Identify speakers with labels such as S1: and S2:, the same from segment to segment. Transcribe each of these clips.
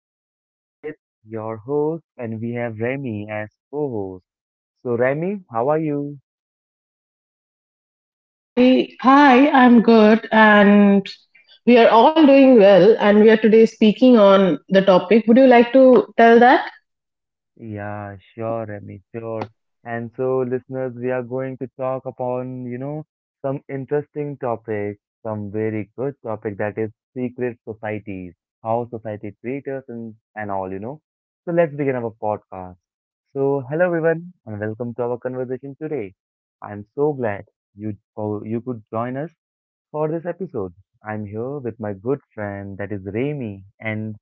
S1: My name is Lalit, your host, and we have Remy as co-host. So, Remy, how are you?
S2: Hi, I'm good, and we are all doing well, and we are today speaking on the topic. Would you like to tell that?
S1: Yeah, sure, Remy, sure. And so, listeners, we are going to talk upon, some interesting topics, some very good topic that is secret societies, how society treats us and all, you know. So let's begin our podcast. So, hello everyone, and welcome to our conversation today. I'm so glad you could join us for this episode. I'm here with my good friend, that is Remy, and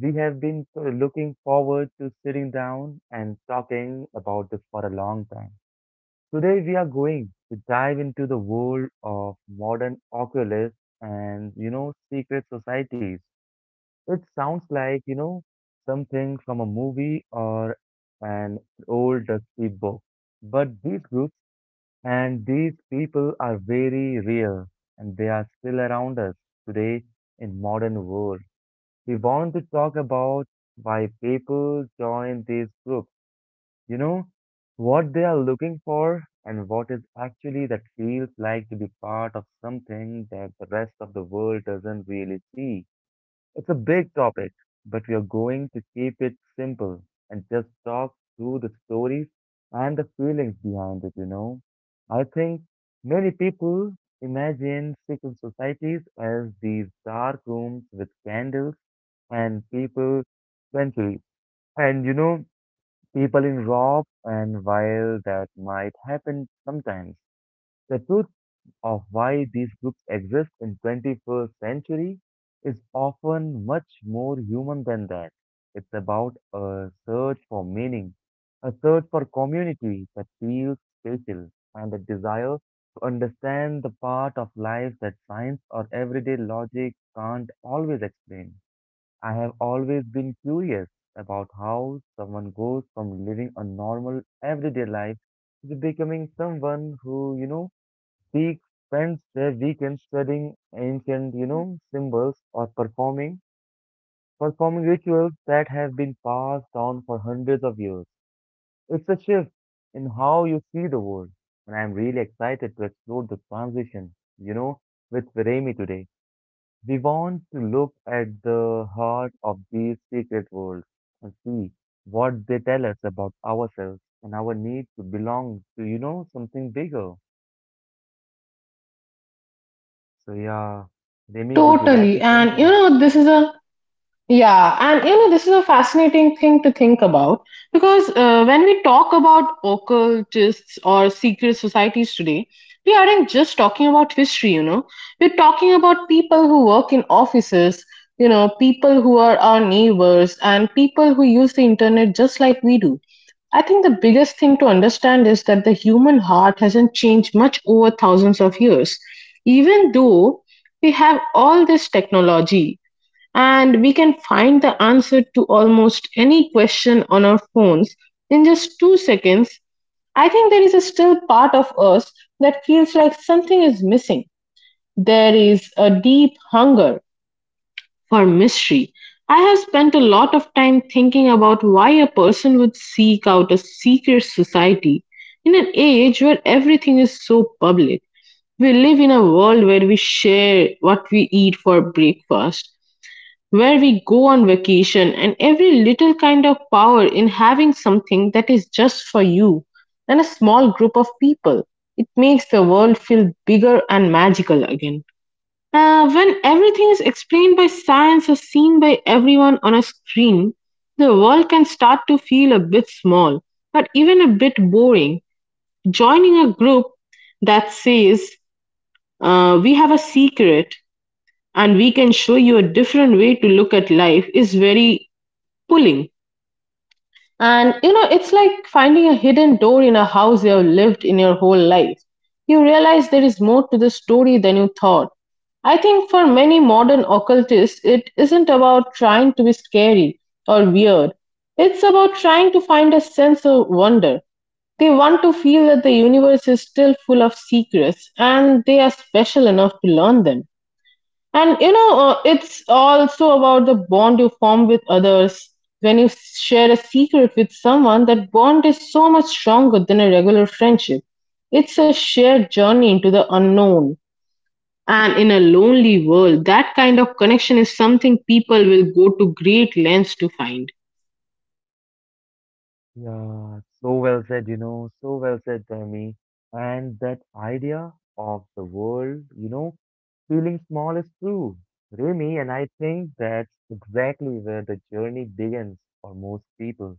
S1: we have been looking forward to sitting down and talking about this for a long time. Today, we are going to dive into the world of modern Oculus and, you know, secret societies. It sounds like, you know, something from a movie or an old dusty book. But these groups and these people are very rare and they are still around us today in modern world. We want to talk about why people join these groups, you know, what they are looking for and what is actually that feels like to be part of something that the rest of the world doesn't really see. It's a big topic, but we are going to keep it simple and just talk through the stories and the feelings behind it. I think many people imagine secret societies as these dark rooms with candles and people centuries. And you know, people in rob and while that might happen sometimes, the truth of why these groups exist in 21st century is often much more human than that. It's about a search for meaning, a search for community that feels special, and a desire to understand the part of life that science or everyday logic can't always explain. I have always been curious about how someone goes from living a normal everyday life to becoming someone who, you know, Seek spends their weekends studying ancient, you know, symbols or performing rituals that have been passed down for hundreds of years. It's a shift in how you see the world, and I'm really excited to explore the transition, you know, with Viremi today. We want to look at the heart of these secret worlds and see what they tell us about ourselves and our need to belong to, you know, something bigger. So yeah, Remy, would you like
S2: Totally.
S1: to
S2: And you
S1: continue?
S2: know, this is a Yeah, and you know, this is a fascinating thing to think about because when we talk about occultists or secret societies today, we aren't just talking about history, you know, we're talking about people who work in offices, you know, people who are our neighbors, and people who use the internet just like we do. I think the biggest thing to understand is that the human heart hasn't changed much over thousands of years. Even though we have all this technology, and we can find the answer to almost any question on our phones in just 2 seconds. I think there is a still part of us that feels like something is missing. There is a deep hunger for mystery. I have spent a lot of time thinking about why a person would seek out a secret society in an age where everything is so public. We live in a world where we share what we eat for breakfast, where we go on vacation and every little kind of power in having something that is just for you and a small group of people. It makes the world feel bigger and magical again. When everything is explained by science or seen by everyone on a screen, the world can start to feel a bit small, but even a bit boring. Joining a group that says, we have a secret and we can show you a different way to look at life is very pulling. And you know, it's like finding a hidden door in a house you have lived in your whole life. You realize there is more to the story than you thought. I think for many modern occultists, it isn't about trying to be scary or weird. It's about trying to find a sense of wonder. They want to feel that the universe is still full of secrets and they are special enough to learn them. And you know, it's also about the bond you form with others. When you share a secret with someone, that bond is so much stronger than a regular friendship. It's a shared journey into the unknown. And in a lonely world, that kind of connection is something people will go to great lengths to find.
S1: Yeah, so well said, you know, so well said, Remy. And that idea of the world, you know, feeling small is true, Remy. And I think that's exactly where the journey begins for most people.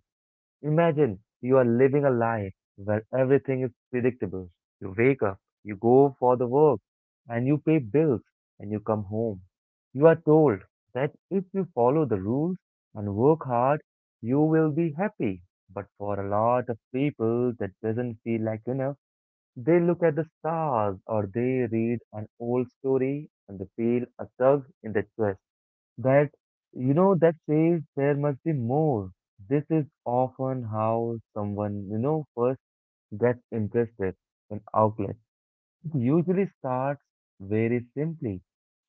S1: Imagine you are living a life where everything is predictable. You wake up, you go for the work, and you pay bills, and you come home. You are told that if you follow the rules and work hard, you will be happy. But for a lot of people, that doesn't feel like enough. They look at the stars or they read an old story and they feel a tug in their chest that you know that says there must be more. This is often how someone you know first gets interested in outlets. It usually starts very simply.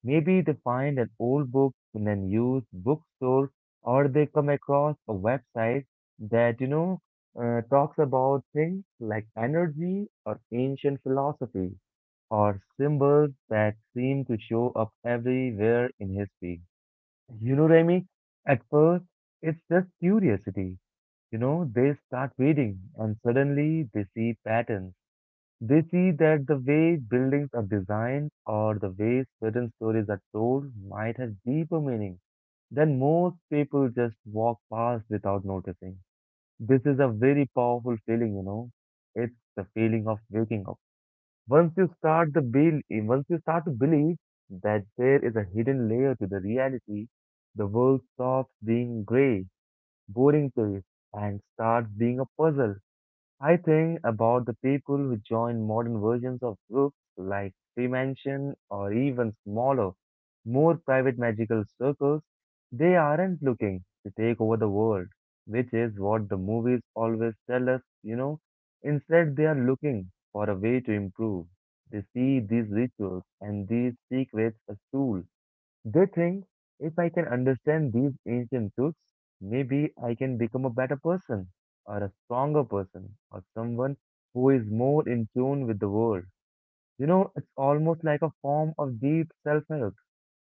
S1: Maybe they find an old book in an used bookstore, or they come across a website that you know talks about things like energy or ancient philosophy or symbols that seem to show up everywhere in history. You know, Remy, at first it's just curiosity. You know, they start reading and suddenly they see patterns. They see that the way buildings are designed or the way certain stories are told might have deeper meaning than most people just walk past without noticing. This is a very powerful feeling, you know. It's the feeling of waking up. Once you start the bel Once you start to believe that there is a hidden layer to the reality, the world stops being gray, boring place and starts being a puzzle. I think about the people who join modern versions of groups like Freemansion or even smaller, more private magical circles. They aren't looking to take over the world, which is what the movies always tell us, you know. Instead, they are looking for a way to improve. They see these rituals and these secrets as tools they think if I can understand these ancient truths, maybe I can become a better person, or a stronger person, or someone who is more in tune with the world. You know, it's almost like a form of deep self help,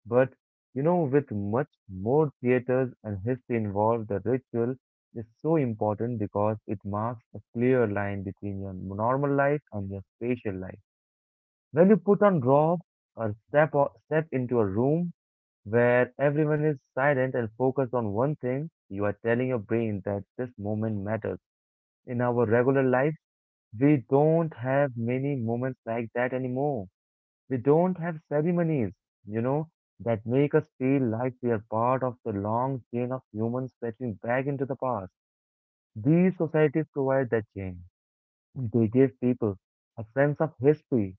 S1: but you know, with much more theaters and history involved, the ritual is so important because it marks a clear line between your normal life and your spiritual life. When you put on robe or step into a room, where everyone is silent and focused on one thing, you are telling your brain that this moment matters. In our regular lives, we don't have many moments like that anymore. We don't have ceremonies, you know, that make us feel like we are part of the long chain of humans stretching back into the past. These societies provide that chain. They give people a sense of history,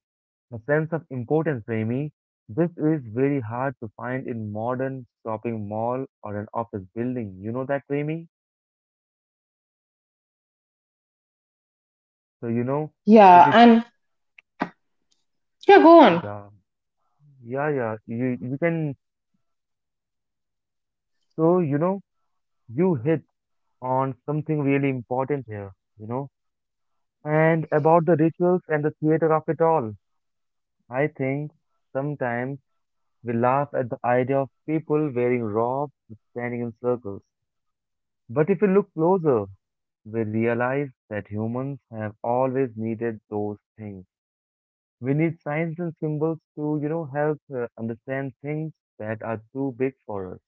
S1: a sense of importance, Premi. This is very hard to find in modern shopping mall or an office building. You know that, Premi? So you know if
S2: Yeah,
S1: it
S2: and yeah, go on.
S1: Yeah, yeah, yeah, you can. So you know, you hit on something really important here, you know. And about the rituals and the theater of it all. I think sometimes we laugh at the idea of people wearing robes and standing in circles. But if you look closer, we realize that humans have always needed those things. We need signs and symbols to, you know, help understand things that are too big for us.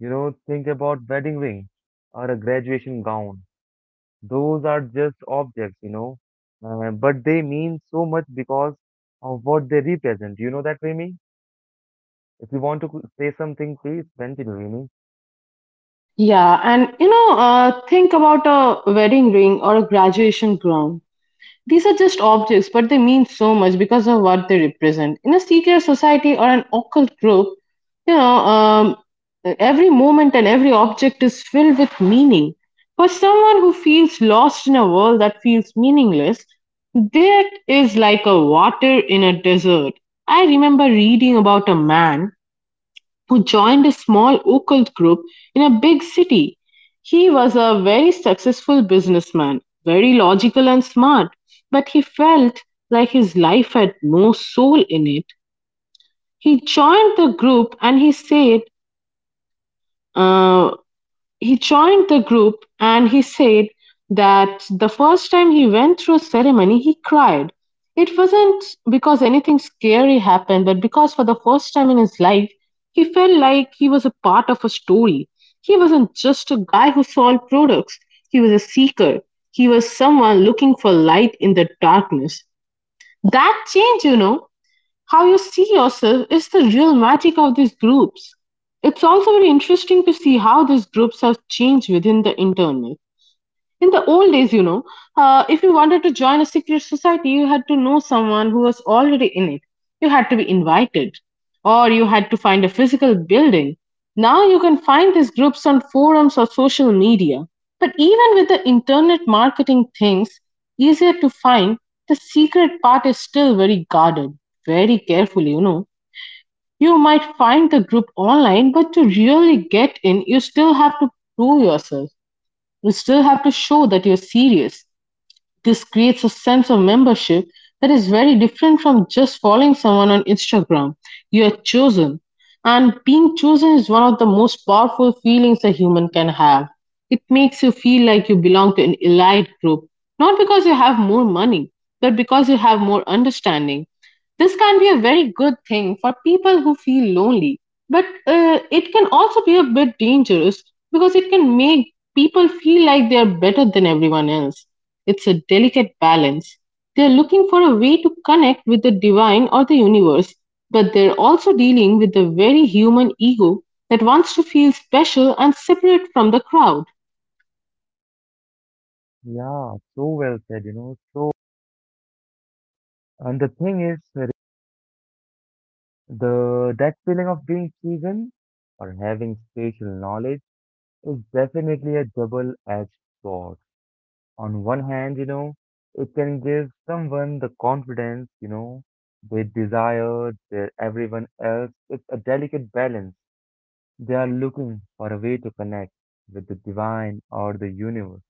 S1: You know, think about wedding ring or a graduation gown. Those are just objects, you know, but they mean so much because of what they represent. You know that, Remy? If you want to c- Say something, please continue, Remy.
S2: Yeah, and you know, think about a wedding ring or a graduation gown. These are just objects, but they mean so much because of what they represent. In a secret society or an occult group, you know, um, every moment and every object is filled with meaning. For someone who feels lost in a world that feels meaningless, that is like a water in a desert. I remember reading about a man who joined a small occult group in a big city. He was a very successful businessman, very logical and smart, but he felt like his life had no soul in it. He joined the group and he said, uh, he joined the group and he said that the first time he went through ceremony he cried. It wasn't because anything scary happened, but because for the first time in his life he felt like he was a part of a story. He wasn't just a guy who sold products, he was a seeker. He was someone looking for light in the darkness. That change, you know, how you see yourself is the real magic of these groups. It's also very interesting to see how these groups have changed within the internet. In the old days, you know, if you wanted to join a secret society, you had to know someone who was already in it. You had to be invited, or you had to find a physical building. Now you can find these groups on forums or social media. But even with the internet marketing things easier to find, the secret part is still very guarded, very carefully, you know. You might find the group online, but to really get in, you still have to prove yourself you still have to show that you're serious. This creates a sense of membership that is very different from just following someone on Instagram. You are chosen. And being chosen is one of the most powerful feelings a human can have. It makes you feel like you belong to an elite group, not because you have more money, but because you have more understanding. This can be a very good thing for people who feel lonely, but it can also be a bit dangerous because it can make people feel like they are better than everyone else. It's a delicate balance. They are looking for a way to connect with the divine or the universe, but they're also dealing with the very human ego that wants to feel special and separate from the crowd.
S1: Yeah, so well said, you know, so. And the thing is, The that feeling of being chosen or having spatial knowledge is definitely a double-edged sword. On one hand, you know, it can give someone the confidence, you know, they desire, they everyone else. It's a delicate balance. They are looking for a way to connect with the divine or the universe,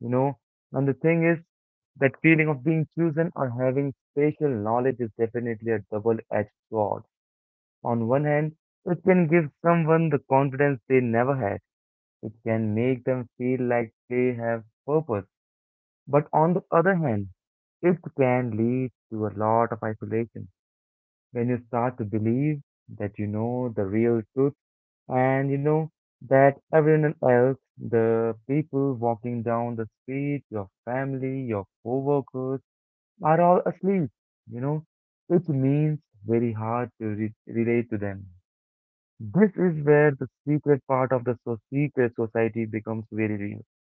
S1: you know. And the thing is, that feeling of being chosen or having spatial knowledge is definitely a double-edged sword on one hand, it can give someone the confidence they never had. It can make them feel like they have purpose. But on the other hand, it can lead to a lot of isolation when you start to believe that you know the real truth and you know that everyone else, the people walking down the street, your family, your coworkers, are all asleep. You know, it means very hard to relate to them. This is where the secret part of the secret society becomes very real. It's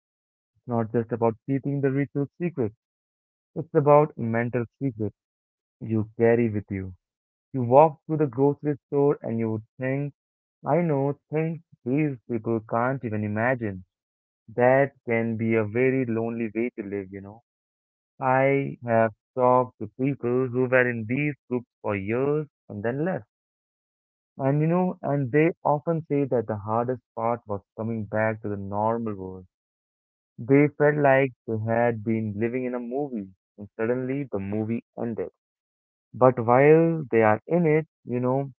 S1: not just about keeping the ritual secret, it's about mental secret you carry with you. You walk through the grocery store and you would think, I know things these people can't even imagine. That can be a very lonely way to live, you know. I have talked to people who were in these groups for years and then left. And you know, and they often say that the hardest part was coming back to the normal world. They felt like they had been living in a movie, and suddenly the movie ended. But while they are in it, you know,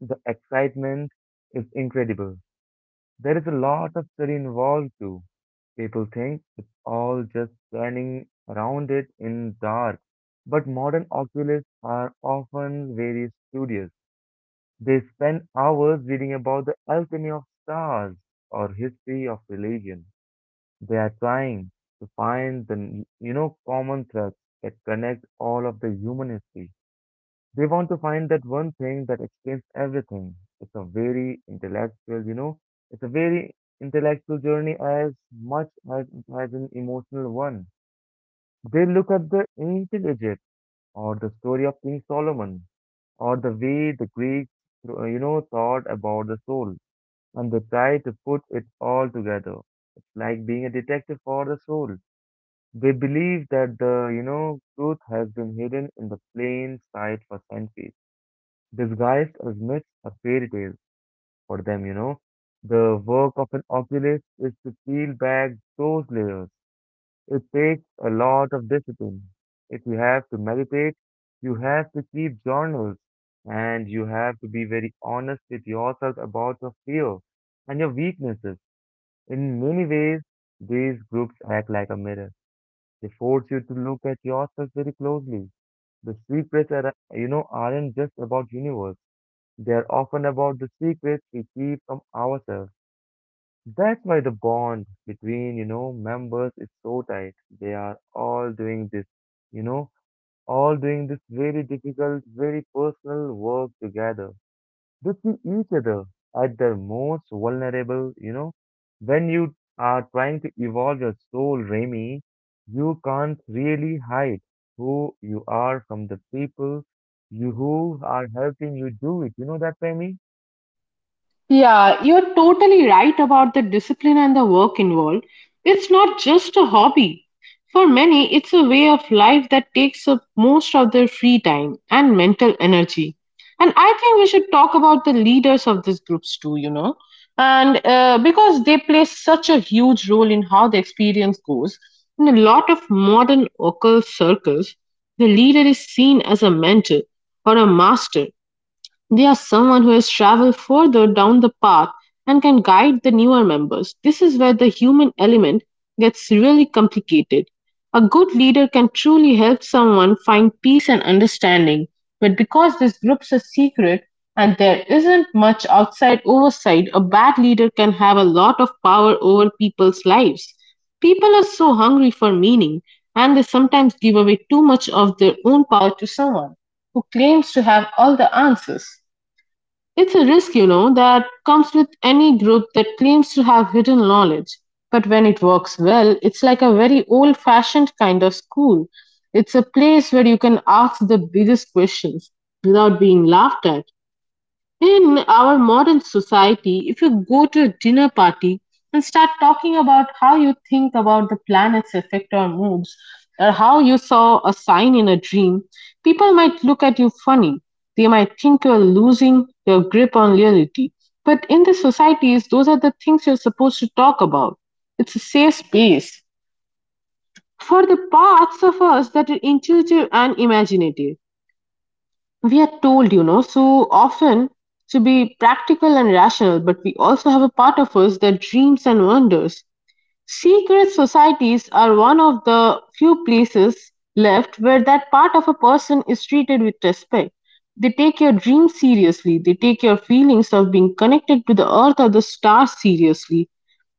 S1: the excitement is incredible. There is a lot of study involved too. People think it's all just standing around it in dark. But modern oculists are often very studious. They spend hours reading about the alchemy of stars or history of religion. They are trying to find the, you know, common threads that connect all of the human history. They want to find that one thing that explains everything. It's a very intellectual, you know, it's a very intellectual journey as much as it has an emotional one. They look at the ancient Egypt or the story of King Solomon or the way the Greeks, you know, thought about the soul and they try to put it all together. It's like being a detective for the soul. They believe that the, you know, truth has been hidden in the plain sight for centuries, disguised as myths or fairy tales for them, you know. The work of an oculist is to peel back those layers. It takes a lot of discipline. If you have to meditate, you have to keep journals, and you have to be very honest with yourself about your fear and your weaknesses in many ways, these groups act like a mirror. They force you to look at yourself very closely. The secrets are, aren't just about universe. They are often about the secrets we keep from ourselves. That's why the bond between, members is so tight. They are all doing this, you know, all doing this very difficult, very personal work together. They see each other at their most vulnerable. When you are trying to evolve your soul, Remy, you can't really hide who you are from the people you who are helping you do it. You know that, Remy?
S2: Yeah, you're totally right about the discipline and the work involved. It's not just a hobby. For many, it's a way of life that takes up most of their free time and mental energy. And I think we should talk about the leaders of these groups too, you know, and because they play such a huge role in how the experience goes. In a lot of modern occult circles, the leader is seen as a mentor or a master they are someone who has traveled further down the path and can guide the newer members. This is where the human element gets really complicated. A good leader can truly help someone find peace and understanding, but because these groups are secret and there isn't much outside oversight, a bad leader can have a lot of power over people's lives. People are so hungry for meaning, and they sometimes give away too much of their own power to someone who claims to have all the answers. It's a risk, you know, that comes with any group that claims to have hidden knowledge. But when it works well, it's like a very old fashioned kind of school. It's a place where you can ask the biggest questions without being laughed at. In our modern society, if you go to a dinner party and start talking about how you think about the planet's effect on moods or how you saw a sign in a dream, people might look at you funny. They might think you're losing your grip on reality. But in the societies, those are the things you're supposed to talk about. It's a safe space for the parts of us that are intuitive and imaginative. We are told, you know, so often to be practical and rational, but we also have a part of us that dreams and wonders. Secret societies are one of the few places left where that part of a person is treated with respect. They take your dreams seriously, they take your feelings of being connected to the earth or the stars seriously.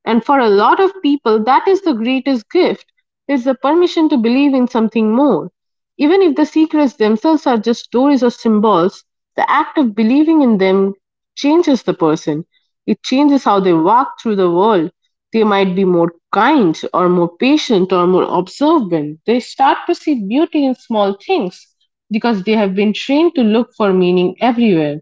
S2: And for a lot of people, that is the greatest gift is the permission to believe in something more. Even if the secrets themselves are just stories or symbols, the act of believing in them changes the person. It changes how they walk through the world. They might be more kind or more patient or more observant. They start to see beauty in small things because they have been trained to look for meaning everywhere.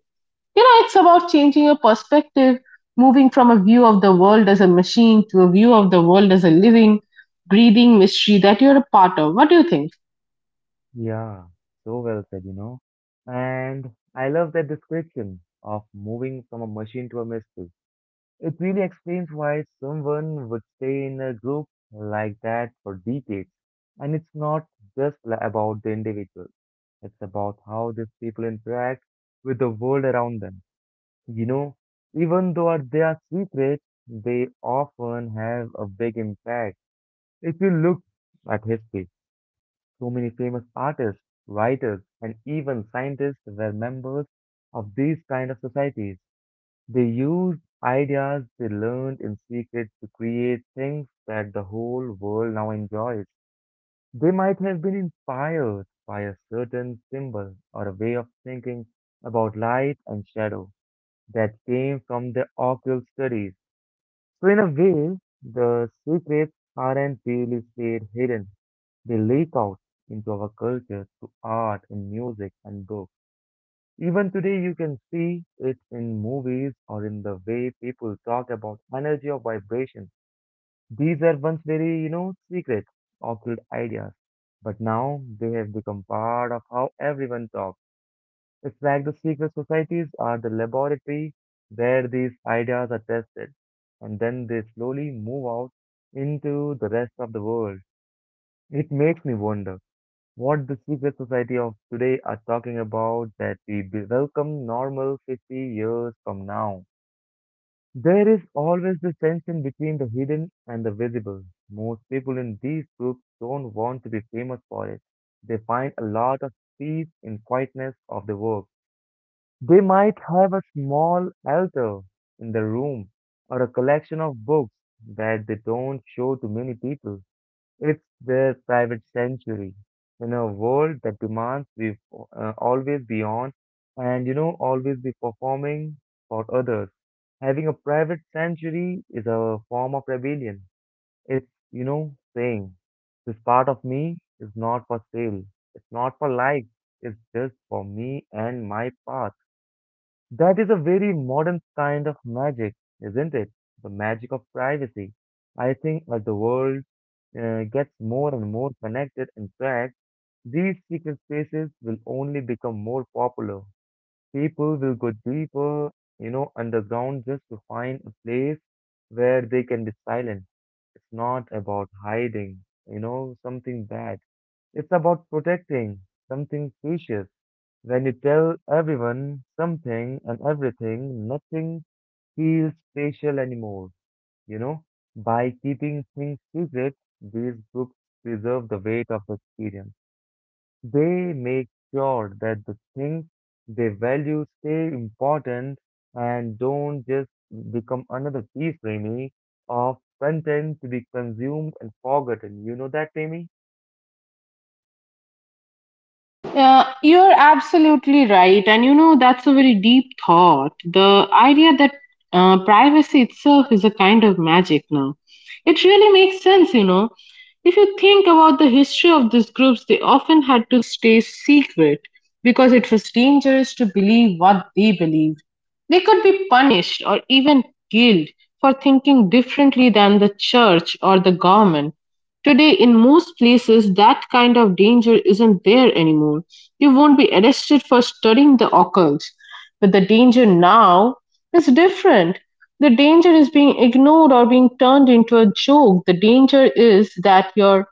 S2: You know, it's about changing your perspective, moving from a view of the world as a machine to a view of the world as a living, breathing mystery that you're a part of. What do you think?
S1: Yeah, so well said. And I love that description of moving from a machine to a mystery. It really explains why someone would stay in a group like that for decades. And it's not just about the individual, it's about how these people interact with the world around them. You know, even though they are secret, they often have a big impact. If you look at history, so many famous artists, writers, and even scientists were members of these kind of societies. They used ideas they learned in secret to create things that the whole world now enjoys. They might have been inspired by a certain symbol or a way of thinking about light and shadow that came from their occult studies. So, in a way, the secrets aren't really stayed hidden, they leak out into our culture through art and music and books. Even today, you can see it in movies or in the way people talk about energy or vibration. These are once very secret, occult ideas. But now they have become part of how everyone talks. It's like the secret societies are the laboratory where these ideas are tested, and then they slowly move out into the rest of the world. It makes me wonder what the secret society of today are talking about that we welcome normal 50 years from now. There is always this tension between the hidden and the visible. Most people in these groups don't want to be famous for it. They find a lot of peace in quietness of the work. They might have a small altar in the room or a collection of books that they don't show to many people. It's their private sanctuary in a world that demands we always be on and always be performing for others. Having a private sanctuary is a form of rebellion. It's saying this part of me is not for sale. It's not for life. It's just for me and my path. That is a very modern kind of magic, isn't it? The magic of privacy. I think as the world gets more and more connected. In fact, these secret spaces will only become more popular. People will go deeper, underground just to find a place where they can be silent. It's not about hiding, something bad. It's about protecting something precious. When you tell everyone something and everything, nothing feels special anymore. You know, by keeping things secret, these groups preserve the weight of experience. They make sure that the things they value stay important and don't just become another piece, Remy, of content to be consumed and forgotten. You know that, Remy?
S2: You're absolutely right. And you know, that's a very deep thought. The idea that privacy itself is a kind of magic now. It really makes sense, you know. If you think about the history of these groups, they often had to stay secret because it was dangerous to believe what they believed. They could be punished or even killed for thinking differently than the church or the government. Today in most places that kind of danger isn't there anymore. You won't be arrested for studying the occult. But the danger now is different. The danger is being ignored or being turned into a joke. The danger is that your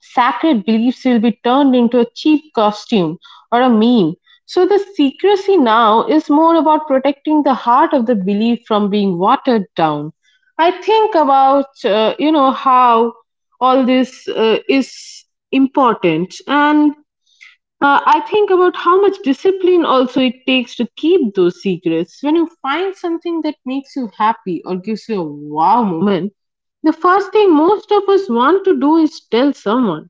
S2: sacred beliefs will be turned into a cheap costume or a meme, so the secrecy now is more about protecting the heart of the belief from being watered down. I think about you know how all this is important, and I think about how much discipline also it takes to keep those secrets. When you find something that makes you happy or gives you a wow moment, the first thing most of us want to do is tell someone.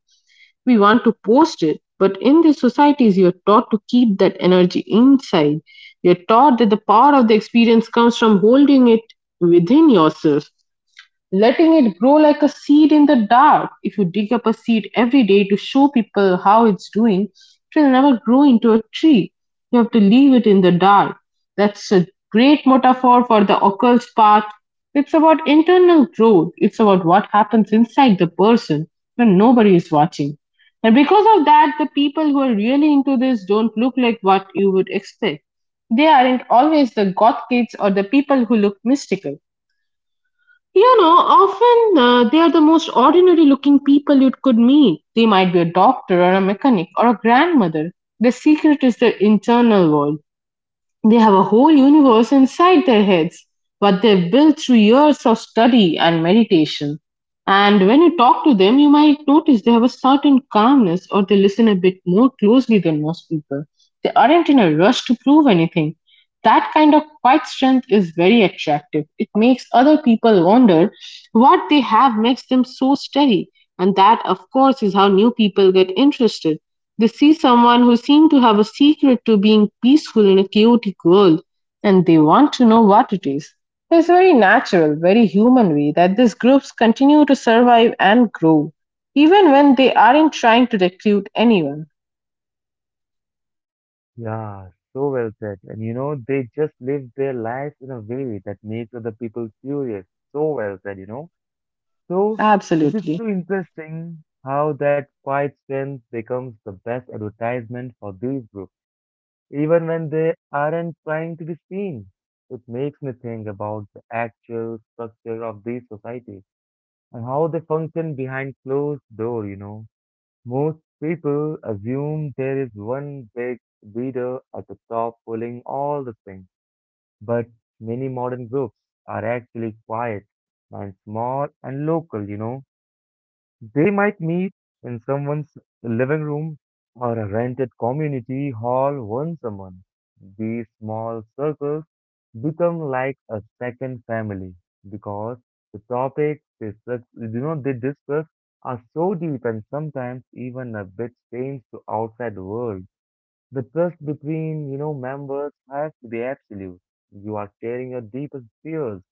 S2: We want to post it, but in these societies, you're taught to keep that energy inside. You're taught that the power of the experience comes from holding it within yourself, letting it grow like a seed in the dark. If you dig up a seed every day to show people how it's doing, it will never grow into a tree. You have to leave it in the dark. That's a great metaphor for the occult path. It's about internal growth, it's about what happens inside the person when nobody is watching. And because of that, the people who are really into this don't look like what you would expect. They aren't always the goth kids or the people who look mystical. You know, often they are the most ordinary looking people you could meet. They might be a doctor or a mechanic or a grandmother. The secret is their internal world. They have a whole universe inside their heads, what they've built through years of study and meditation. And when you talk to them, you might notice they have a certain calmness or they listen a bit more closely than most people. They aren't in a rush to prove anything. That kind of quiet strength is very attractive. It makes other people wonder what they have makes them so steady. And that, of course, is how new people get interested. They see someone who seems to have a secret to being peaceful in a chaotic world, and they want to know what it is. It's a very natural, very human way that these groups continue to survive and grow, even when they aren't trying to recruit anyone.
S1: Yeah, so well said. And you know, they just live their lives in a way that makes other people curious. So well said. So it is
S2: Absolutely.
S1: so interesting how that quiet strength becomes the best advertisement for these groups, even when they aren't trying to be seen. It makes me think about the actual structure of these societies and how they function behind closed door. Most people assume there is one big leader at the top pulling all the strings, but many modern groups are actually quiet and small and local, you know, they might meet in someone's living room or a rented community hall once a month. These small circles become like a second family because the topics they, sus- you know, they discuss are so deep and sometimes even a bit strange to outside world. The trust between, members has to be absolute. You are sharing your deepest fears,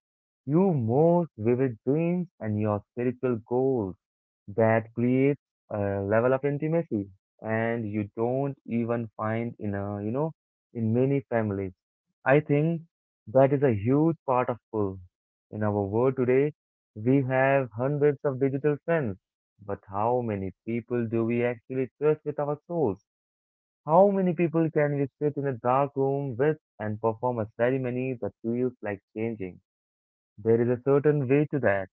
S1: your most vivid dreams and your spiritual goals that creates a level of intimacy and you don't even find in a in many families. I think that is a huge part of pull in our world today. We have hundreds of digital friends, but how many people do we actually trust with our souls? How many people can we sit in a dark room with and perform a ceremony that feels like changing? There is a certain way to that.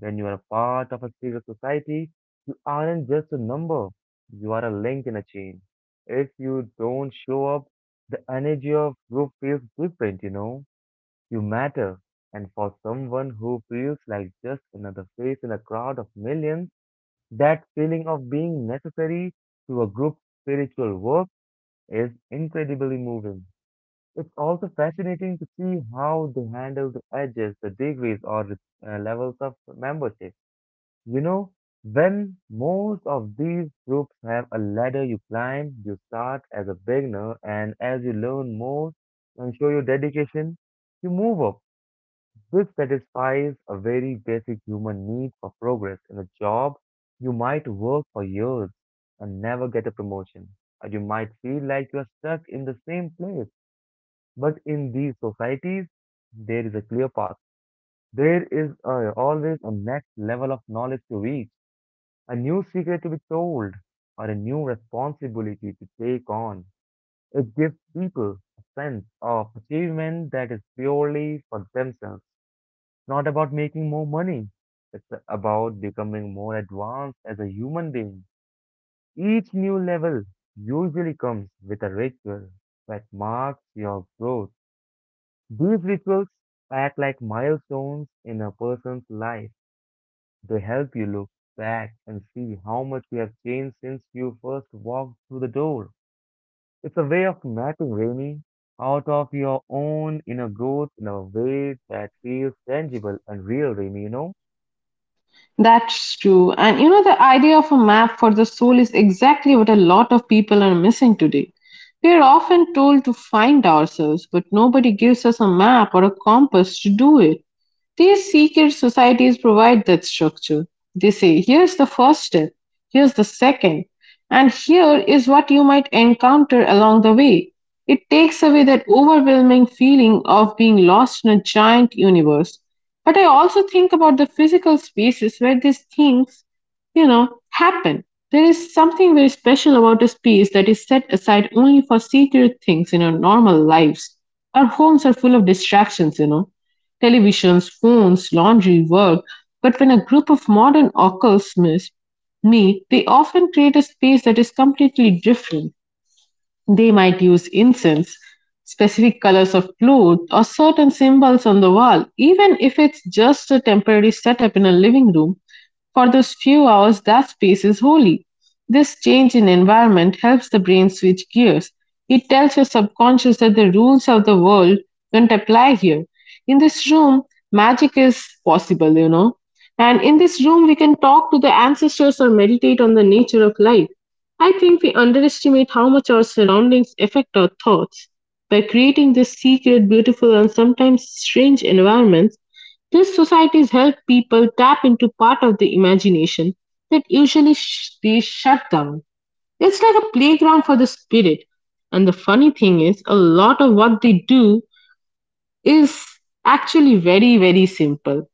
S1: When you are a part of a civil society, you aren't just a number, you are a link in a chain. If you don't show up, the energy of group feels different, you know. You matter. And for someone who feels like just another face in a crowd of millions, that feeling of being necessary to a group's spiritual work is incredibly moving. It's also fascinating to see how they handle the edges, the degrees, or levels of membership, you know, when most of these groups have a ladder you climb. You start as a beginner, and as you learn more and show your dedication, you move up, which satisfies a very basic human need for progress. In a job, you might work for years and never get a promotion, or you might feel like you are stuck in the same place. But in these societies, there is a clear path. There is always a next level of knowledge to reach, a new secret to be told, or a new responsibility to take on. It gives people a sense of achievement that is purely for themselves. It's not about making more money, it's about becoming more advanced as a human being. Each new level usually comes with a ritual that marks your growth. These rituals act like milestones in a person's life. They help you look back and see how much you have changed since you first walked through the door. It's a way of mapping Rainy out of your own inner growth in a way that feels tangible and real, Rainy, you know?
S2: That's true. And you know, the idea of a map for the soul is exactly what a lot of people are missing today. We are often told to find ourselves, but nobody gives us a map or a compass to do it. These secret societies provide that structure. They say, here's the first step, here's the second, and here is what you might encounter along the way. It takes away that overwhelming feeling of being lost in a giant universe. But I also think about the physical spaces where these things, you know, happen. There is something very special about a space that is set aside only for secret things in our normal lives. Our homes are full of distractions, you know, televisions, phones, laundry, work, but when a group of modern occults miss me, they often create a space that is completely different. They might use incense, specific colors of cloth, or certain symbols on the wall, even if it's just a temporary setup in a living room. For those few hours, that space is holy. This change in environment helps the brain switch gears. It tells your subconscious that the rules of the world don't apply here. In this room, magic is possible, you know. And in this room, we can talk to the ancestors or meditate on the nature of life. I think we underestimate how much our surroundings affect our thoughts. By creating this secret, beautiful, and sometimes strange environments, these societies help people tap into part of the imagination that usually they shut down. It's like a playground for the spirit. And the funny thing is, a lot of what they do is actually very, very simple.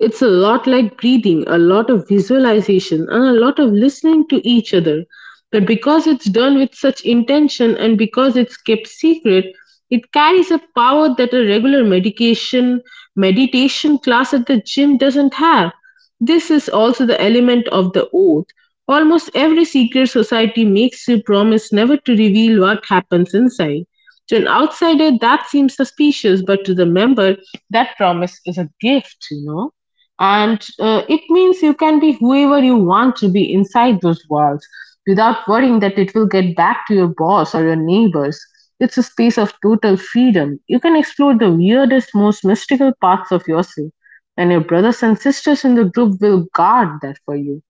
S2: It's a lot like breathing, a lot of visualization, and a lot of listening to each other. But because it's done with such intention and because it's kept secret, it carries a power that a regular medication meditation class at the gym doesn't have. This is also the element of the oath. Almost every secret society makes you promise never to reveal what happens inside. To an outsider, that seems suspicious, but to the member, that promise is a gift, you know? And it means you can be whoever you want to be inside those walls without worrying that it will get back to your boss or your neighbors. It's a space of total freedom. You can explore the weirdest, most mystical parts of yourself, and your brothers and sisters in the group will guard that for you.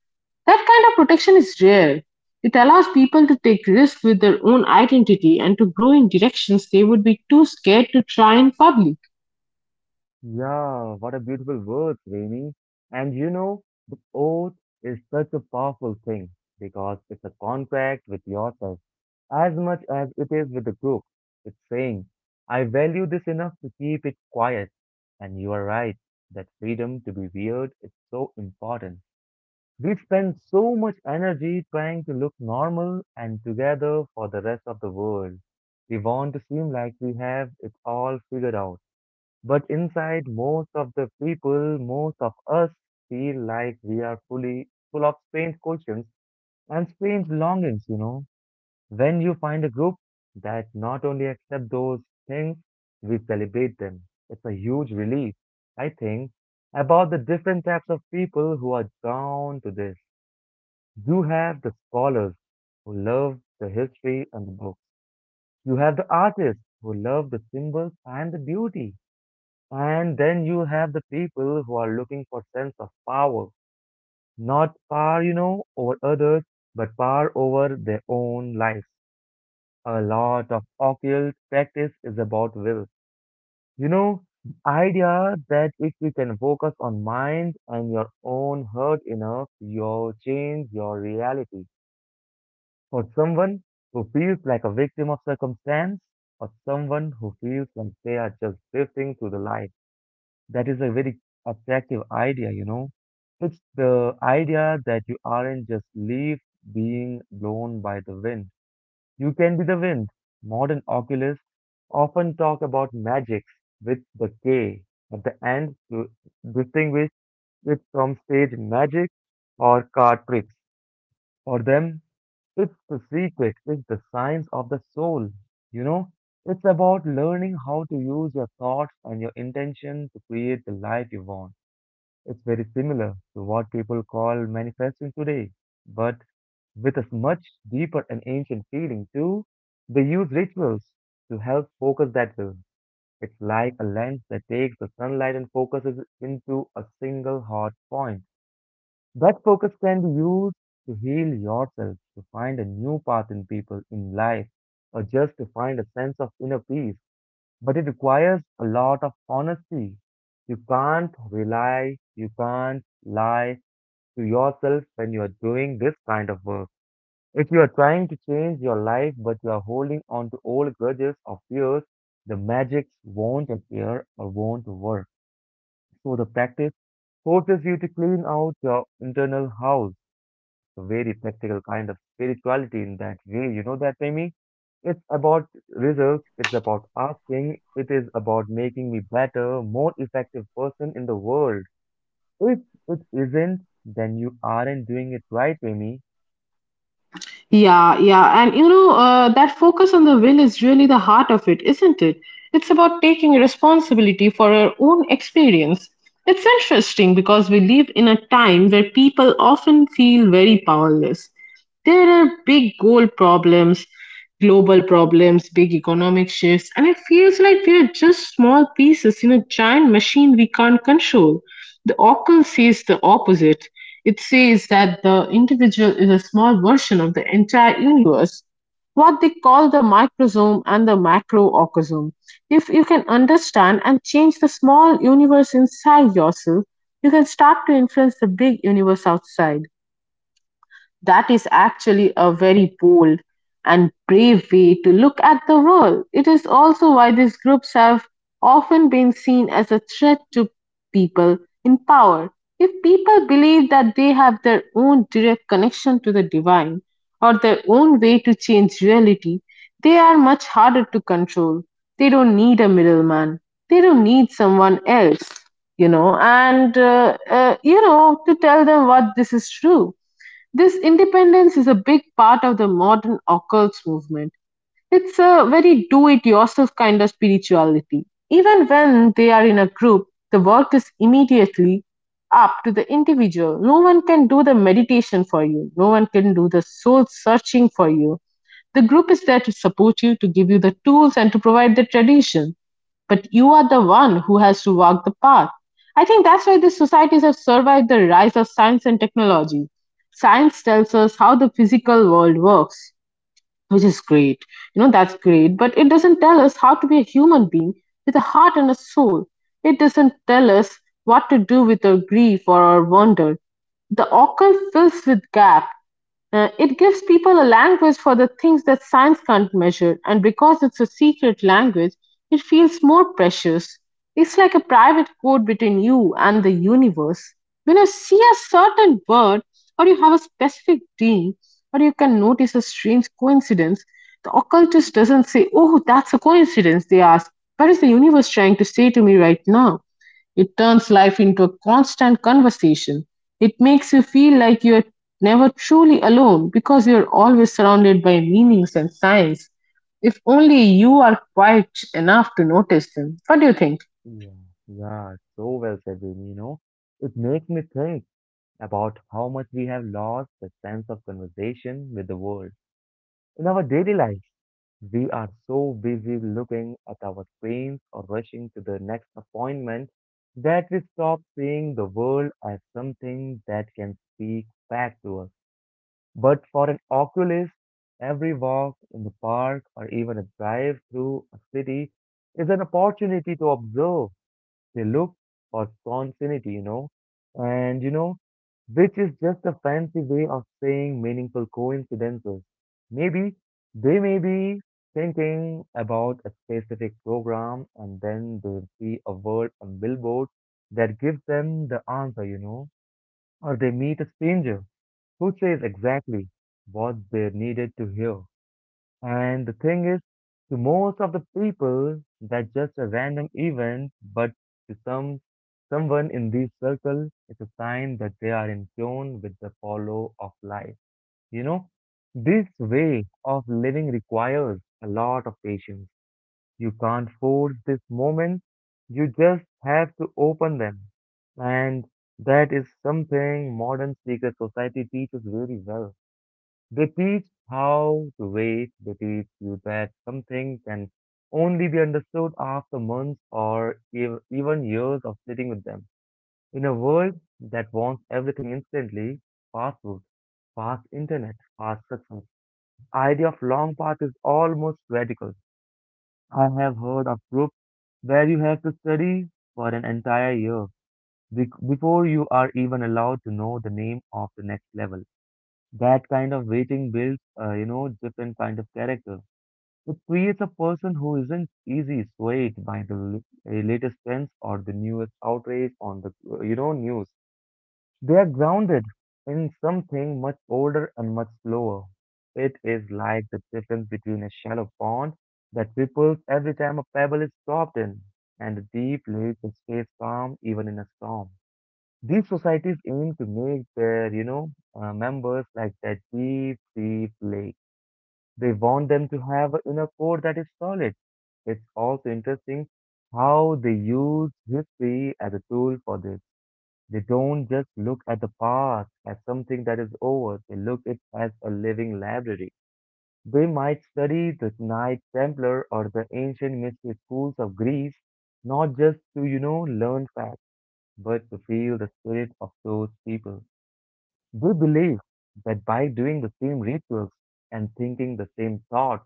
S2: That kind of protection is rare. It allows people to take risks with their own identity and to grow in directions they would be too scared to try in public.
S1: Yeah, what a beautiful word, Remy. And you know, the oath is such a powerful thing because it's a contract with yourself as much as it is with the group. It's saying, I value this enough to keep it quiet. And you are right that freedom to be weird is so important. We spend so much energy trying to look normal and together for the rest of the world. We want to seem like we have it all figured out. But inside, most of the people, most of us feel like we are fully full of strange questions and strange longings, you know. When you find a group that not only accept those things, we celebrate them. It's a huge relief, I think, about the different types of people who are drawn to this. You have the scholars who love the history and the books. You have the artists who love the symbols and the beauty. And then you have the people who are looking for sense of power, not power, you know, over others, but power over their own lives. A lot of occult practice is about will. You know, the idea that if you can focus on mind and your own heart enough, you'll change your reality. For someone who feels like a victim of circumstance, or someone who feels like they are just drifting through the life. That is a very attractive idea, you know. It's the idea that you aren't just leaves being blown by the wind. You can be the wind. Modern oculists often talk about magics with the K at the end to distinguish it from stage magic or card tricks. For them, it's the secret, it's the science of the soul. You know, it's about learning how to use your thoughts and your intention to create the life you want. It's very similar to what people call manifesting today, but with a much deeper and ancient feeling too. They use rituals to help focus that will. It's like a lens that takes the sunlight and focuses it into a single hot point. That focus can be used to heal yourself, to find a new path in people, in life, or just to find a sense of inner peace, but it requires a lot of honesty. You can't lie to yourself when you are doing this kind of work. If you are trying to change your life but you are holding on to old grudges or fears, the magics won't appear or won't work. So the practice forces you to clean out your internal house, so very practical kind of spirituality in that way. You know that, Amy? It's about results. It's about asking, it is about making me better, more effective person in the world. If it isn't, then you aren't doing it right, Amy.
S2: Yeah, yeah. And you know, that focus on the will is really the heart of it, isn't it? It's about taking responsibility for our own experience. It's interesting because we live in a time where people often feel very powerless. There are global problems, big economic shifts, and it feels like we are just small pieces in a giant machine we can't control. The Oracle says the opposite: it says that the individual is a small version of the entire universe, what they call the microsome and the macrocosm. If you can understand and change the small universe inside yourself, you can start to influence the big universe outside. That is actually a very bold and brave way to look at the world. It is also why these groups have often been seen as a threat to people in power. If people believe that they have their own direct connection to the divine or their own way to change reality, they are much harder to control. They don't need a middleman, they don't need someone else, you know, and you know, to tell them what this is true. This independence is a big part of the modern occults movement. It's a very do-it-yourself kind of spirituality. Even when they are in a group, the work is immediately up to the individual. No one can do the meditation for you. No one can do the soul searching for you. The group is there to support you, to give you the tools, and to provide the tradition. But you are the one who has to walk the path. I think that's why these societies have survived the rise of science and technology. Science tells us how the physical world works, which is great. You know, that's great, but it doesn't tell us how to be a human being with a heart and a soul. It doesn't tell us what to do with our grief or our wonder. The occult fills with gap. It gives people a language for the things that science can't measure, and because it's a secret language, it feels more precious. It's like a private code between you and the universe. When you see a certain bird, or you have a specific dream, or you can notice a strange coincidence, the occultist doesn't say, "Oh, that's a coincidence," they ask, "What is the universe trying to say to me right now?" It turns life into a constant conversation. It makes you feel like you're never truly alone because you're always surrounded by meanings and signs, if only you are quiet enough to notice them. What do you think?
S1: Yeah, yeah, so well said, Amy, you know. It makes me think about how much we have lost the sense of conversation with the world. In our daily lives, we are so busy looking at our screens or rushing to the next appointment that we stop seeing the world as something that can speak back to us. But for an oculist, every walk in the park or even a drive through a city is an opportunity to observe they look for continuity, you know, and you know, which is just a fancy way of saying meaningful coincidences. Maybe they may be thinking about a specific program and then they see a word on billboard that gives them the answer, you know, or they meet a stranger who says exactly what they needed to hear. And the thing is, to most of the people, that's just a random event, but to someone in these circles, it's a sign that they are in tune with the follow of life. You know, this way of living requires a lot of patience. You can't force this moment. You just have to open them. And that is something modern secret society teaches really well they teach how to wait. They teach you that something can only be understood after months or even years of sitting with them. In a world that wants everything instantly, fast food, fast internet, fast success, idea of long path is almost radical. I have heard of groups where you have to study for an entire year before you are even allowed to know the name of the next level. That kind of waiting builds, different kind of character. It creates a person who isn't easy swayed by the latest trends or the newest outrage on the, news. They are grounded in something much older and much slower. It is like the difference between a shallow pond that ripples every time a pebble is dropped in, and a deep lake that stays calm even in a storm. These societies aim to make their, members like that deep, deep lake. They want them to have an inner core that is solid. It's also interesting how they use history as a tool for this. They don't just look at the past as something that is over. They look it as a living library. They might study the Knights Templar or the ancient mystery schools of Greece, not just to, learn facts, but to feel the spirit of those people. They believe that by doing the same rituals and thinking the same thoughts,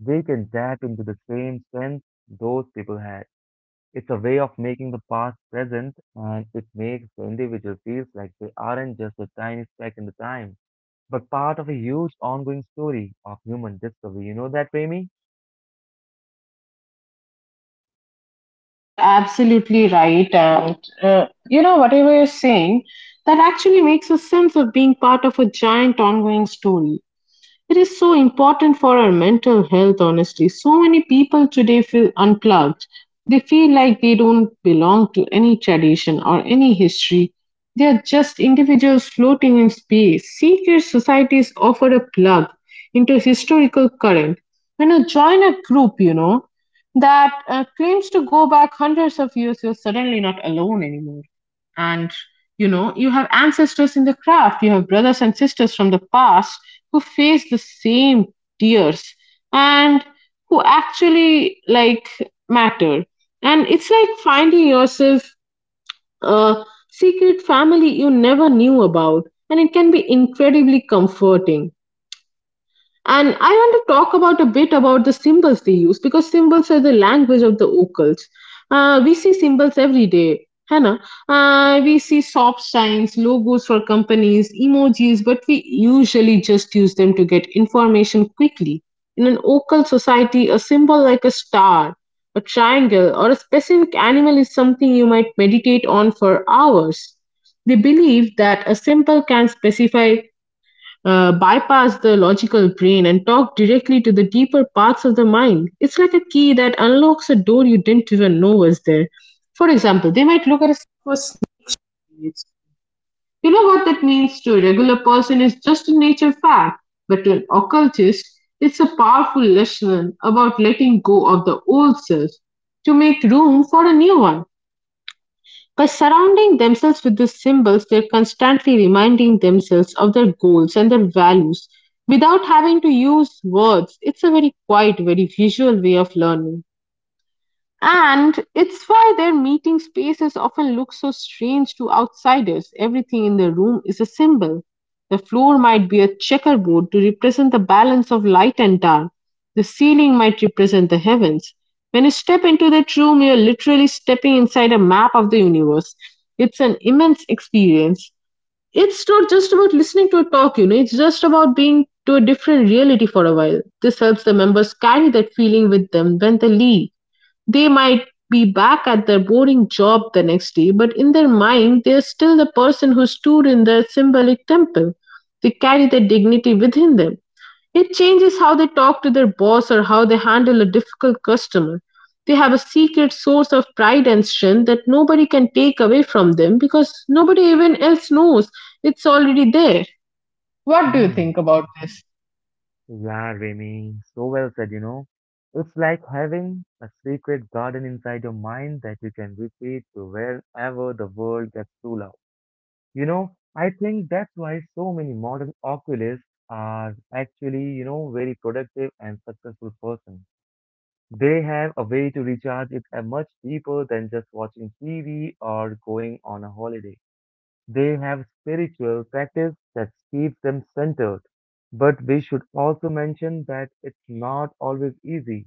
S1: they can tap into the same strength those people had. It's a way of making the past present and it makes the individual feels like they aren't just a tiny speck in the time, but part of a huge ongoing story of human discovery. You know that, Remy?
S2: You are absolutely right, and you know, whatever you're saying, that actually makes a sense of being part of a giant ongoing story. It is so important for our mental health, honestly. So many people today feel unplugged. They feel like they don't belong to any tradition or any history. They are just individuals floating in space. Secret societies offer a plug into historical current. When you join a group, you know, that claims to go back hundreds of years, you're suddenly not alone anymore. And you know, you have ancestors in the craft, you have brothers and sisters from the past who face the same tears and who actually like matter. And it's like finding yourself a secret family you never knew about, and it can be incredibly comforting. And I want to talk about a bit about the symbols they use because symbols are the language of the occults. We see symbols every day. Hannah, we see soft signs, logos for companies, emojis, but we usually just use them to get information quickly. In an occult society, a symbol like a star, a triangle, or a specific animal is something you might meditate on for hours. They believe that a symbol can specify bypass the logical brain and talk directly to the deeper parts of the mind. It's like a key that unlocks a door you didn't even know was there. For example, they might look at a for snakes. You know what that means to a regular person is just a nature fact, but to an occultist, it's a powerful lesson about letting go of the old self to make room for a new one. By surrounding themselves with these symbols, they're constantly reminding themselves of their goals and their values without having to use words. It's a very quiet, very visual way of learning. And it's why their meeting spaces often look so strange to outsiders. Everything in the room is a symbol. The floor might be a checkerboard to represent the balance of light and dark. The ceiling might represent the heavens. When you step into that room, you're literally stepping inside a map of the universe. It's an immense experience. It's not just about listening to a talk, it's just about being to a different reality for a while. This helps the members carry that feeling with them when they leave. They might be back at their boring job the next day, but in their mind, they are still the person who stood in the symbolic temple. They carry their dignity within them. It changes how they talk to their boss or how they handle a difficult customer. They have a secret source of pride and strength that nobody can take away from them because nobody even else knows it's already there. What do you think about this?
S1: Yeah, Remy, so well said, you know. It's like having a secret garden inside your mind that you can retreat to wherever the world gets too loud. You know, I think that's why so many modern oculists are actually, you know, very productive and successful persons. They have a way to recharge it much deeper than just watching TV or going on a holiday. They have spiritual practice that keeps them centered. But we should also mention that it's not always easy.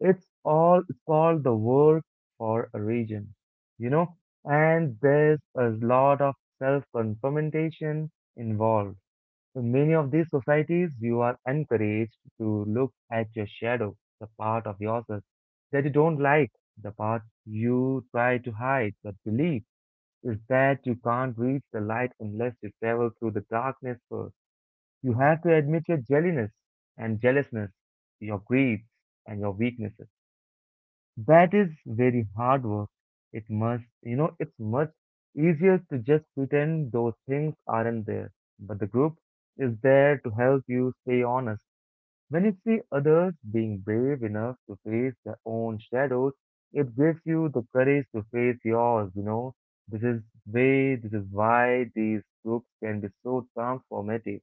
S1: It's called the work for a reason, you know, and there's a lot of self-confrontation involved. In many of these societies, you are encouraged to look at your shadow, the part of yourself that you don't like, the part you try to hide but believe is that you can't reach the light unless you travel through the darkness first. You have to admit your jelliness and jealousness, your greed and your weaknesses. That is very hard work. It must, you know, it's much easier to just pretend those things aren't there. But the group is there to help you stay honest. When you see others being brave enough to face their own shadows, it gives you the courage to face yours, you know. This is why these books can be so transformative.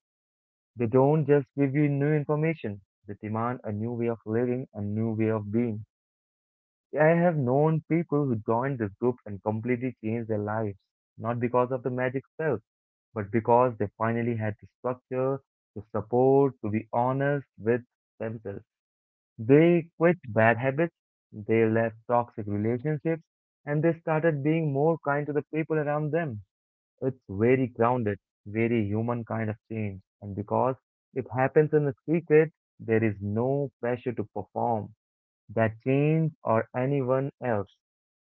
S1: They don't just give you new information, they demand a new way of living, a new way of being. I have known people who joined this group and completely changed their lives, not because of the magic spell, but because they finally had the structure, the support, to be honest with themselves. They quit bad habits, they left toxic relationships, and they started being more kind to the people around them. It's very grounded, very human kind of change. And because it happens in a secret, there is no pressure to perform that change or anyone else.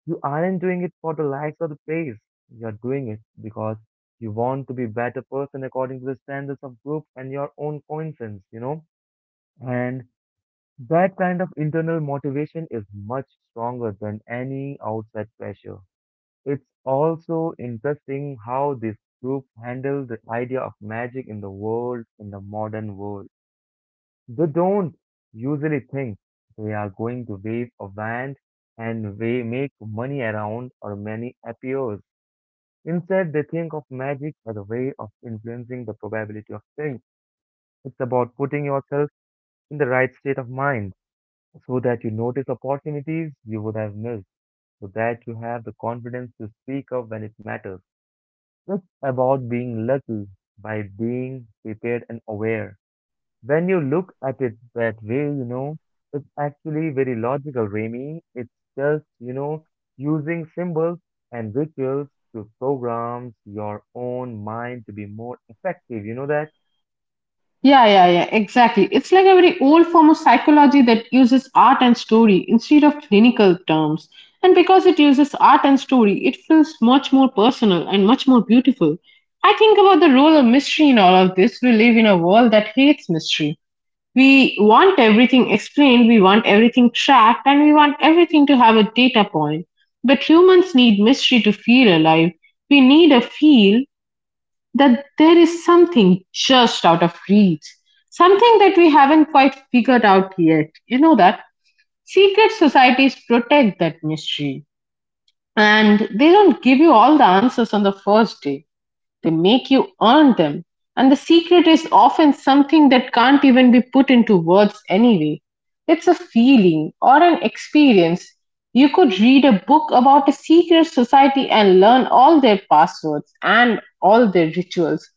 S1: You aren't doing it for the likes or the praise. You're doing it because you want to be better person according to the standards of group and your own coincidence, you know? And that kind of internal motivation is much stronger than any outside pressure. It's also interesting how this group handled the idea of magic in the world, in the modern world. They don't usually think they are going to wave a wand and they make money around or money appears. Instead, they think of magic as a way of influencing the probability of things. It's about putting yourself in the right state of mind, so that you notice opportunities you would have missed, so that you have the confidence to speak up when it matters. It's about being lucky by being prepared and aware. When you look at it that way, you know, it's actually very logical, Remy. It's just, you know, using symbols and rituals to program your own mind to be more effective. You know that?
S2: Yeah, yeah, yeah, exactly. It's like a very old form of psychology that uses art and story instead of clinical terms. And because it uses art and story, it feels much more personal and much more beautiful. I think about the role of mystery in all of this. We live in a world that hates mystery. We want everything explained, we want everything tracked, and we want everything to have a data point. But humans need mystery to feel alive. We need a feel that there is something just out of reach, something that we haven't quite figured out yet. You know that secret societies protect that mystery and they don't give you all the answers on the first day. They make you earn them, and the secret is often something that can't even be put into words anyway. It's a feeling or an experience. You could read a book about a secret society and learn all their passwords and all their rituals.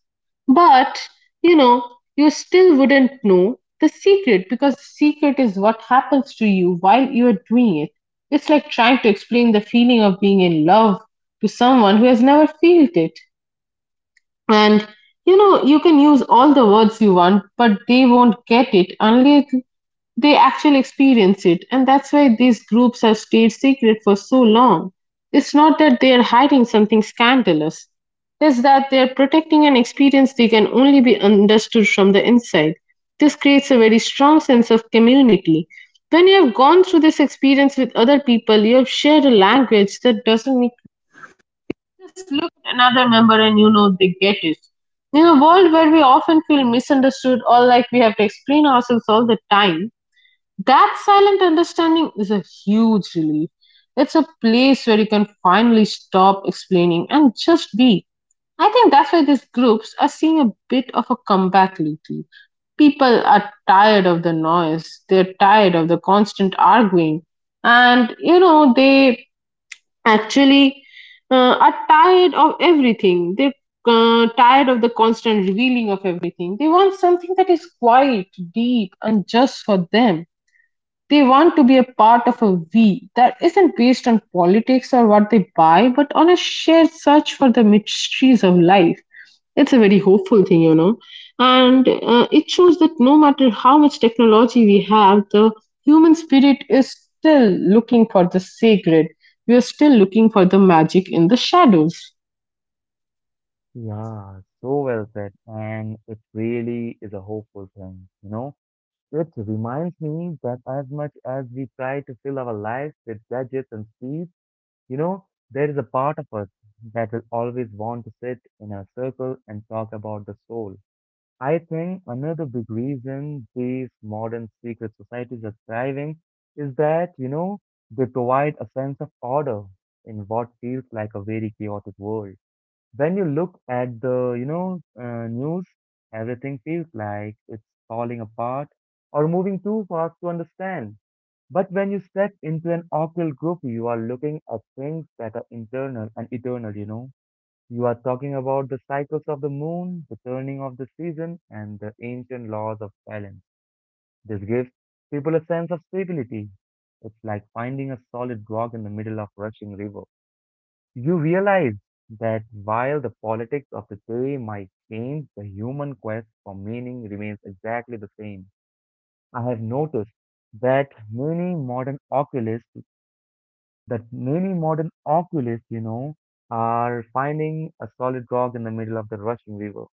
S2: But, you know, you still wouldn't know the secret because the secret is what happens to you while you are doing it. It's like trying to explain the feeling of being in love to someone who has never felt it. And you can use all the words you want, but they won't get it unless they actually experience it. And that's why these groups have stayed secret for so long. It's not that they're hiding something scandalous, it's that they're protecting an experience they can only be understood from the inside. This creates a very strong sense of community. When you have gone through this experience with other people, you have shared a language that doesn't just look at another member and you know they get it. In a world where we often feel misunderstood or like we have to explain ourselves all the time, that silent understanding is a huge relief. It's a place where you can finally stop explaining and just be. I think that's why these groups are seeing a bit of a comeback lately. People are tired of the noise, they're tired of the constant arguing, and they actually are tired of everything. They're tired of the constant revealing of everything. They want something that is quiet, deep, and just for them. They want to be a part of a "we" that isn't based on politics or what they buy, but on a shared search for the mysteries of life. It's a very hopeful thing. And it shows that no matter how much technology we have, the human spirit is still looking for the sacred. We are still looking for the magic in the shadows.
S1: Yeah, so well said. And it really is a hopeful thing, you know? It reminds me that as much as we try to fill our lives with gadgets and speed, you know, there is a part of us that will always want to sit in a circle and talk about the soul. I think another big reason these modern secret societies are thriving is that, you know, they provide a sense of order in what feels like a very chaotic world. When you look at the, news, everything feels like it's falling apart or moving too fast to understand. But when you step into an occult group, you are looking at things that are internal and eternal, you know. You are talking about the cycles of the moon, the turning of the season, and the ancient laws of balance. This gives people a sense of stability. It's like finding a solid rock in the middle of rushing river. You realize that while the politics of the day might change, the human quest for meaning remains exactly the same. I have noticed that many modern oculists, that many modern oculists, you know, are finding a solid rock in the middle of the rushing river.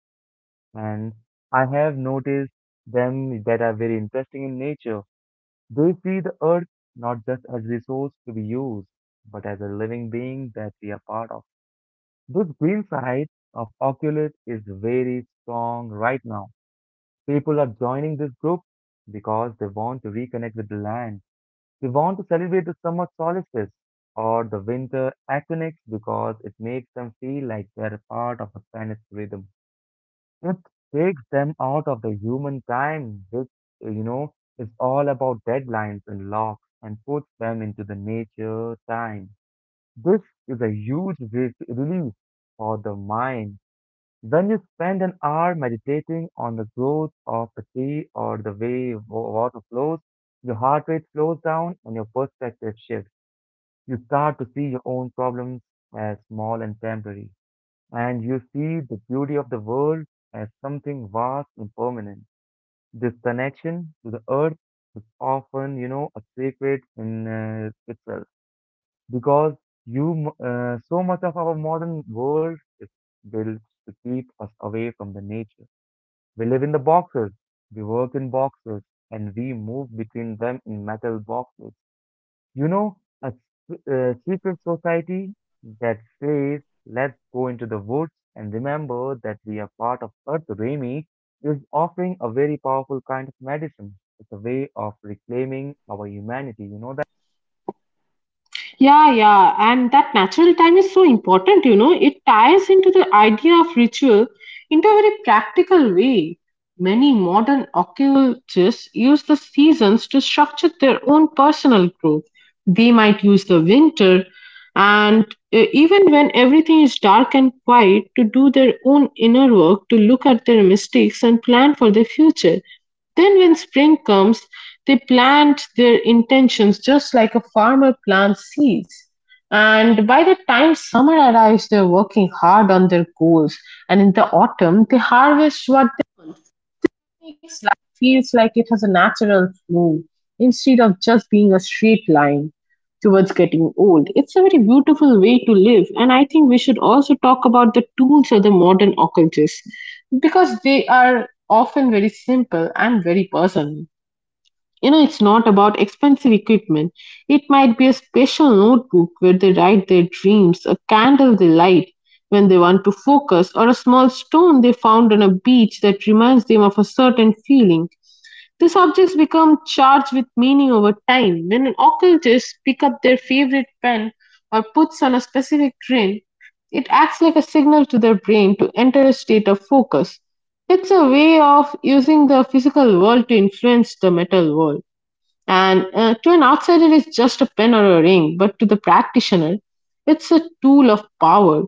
S1: And I have noticed them that are very interesting in nature. They see the earth not just as resource to be used, but as a living being that we are part of. This green side of Oculus is very strong right now. People are joining this group because they want to reconnect with the land. They want to celebrate the summer solstice or the winter equinox because it makes them feel like they're a part of a Spanish rhythm. It takes them out of the human time, which, is all about deadlines and locks, and puts them into the nature time. This is a huge relief for the mind when you spend an hour meditating on the growth of a tree or the way water flows, your heart rate slows down and your perspective shifts. You start to see your own problems as small and temporary, and you see the beauty of the world as something vast and permanent. This connection to the earth is often, you know, a sacred in itself because you so much of our modern world is built to keep us away from the nature. We live in the boxes, we work in boxes, and we move between them in metal boxes. You know, a secret society that says, let's go into the woods and remember that we are part of Earth Remy is offering a very powerful kind of medicine. It's a way of reclaiming our humanity, you know that?
S2: Yeah, yeah, and that natural time is so important, It ties into the idea of ritual into a very practical way. Many modern occultists use the seasons to structure their own personal growth. They might use the winter and even when everything is dark and quiet, to do their own inner work, to look at their mistakes and plan for their future. Then, when spring comes, they plant their intentions just like a farmer plants seeds. And by the time summer arrives, they're working hard on their goals. And in the autumn, they harvest what makes life feels like it has a natural flow instead of just being a straight line towards getting old. It's a very beautiful way to live, and I think we should also talk about the tools of the modern occultists because they are often very simple and very personal. It's not about expensive equipment. It might be a special notebook where they write their dreams, a candle they light when they want to focus, or a small stone they found on a beach that reminds them of a certain feeling. These objects become charged with meaning over time. When an occultist picks up their favorite pen or puts on a specific grin, it acts like a signal to their brain to enter a state of focus. It's a way of using the physical world to influence the metal world. And to an outsider, it's just a pen or a ring, but to the practitioner, it's a tool of power.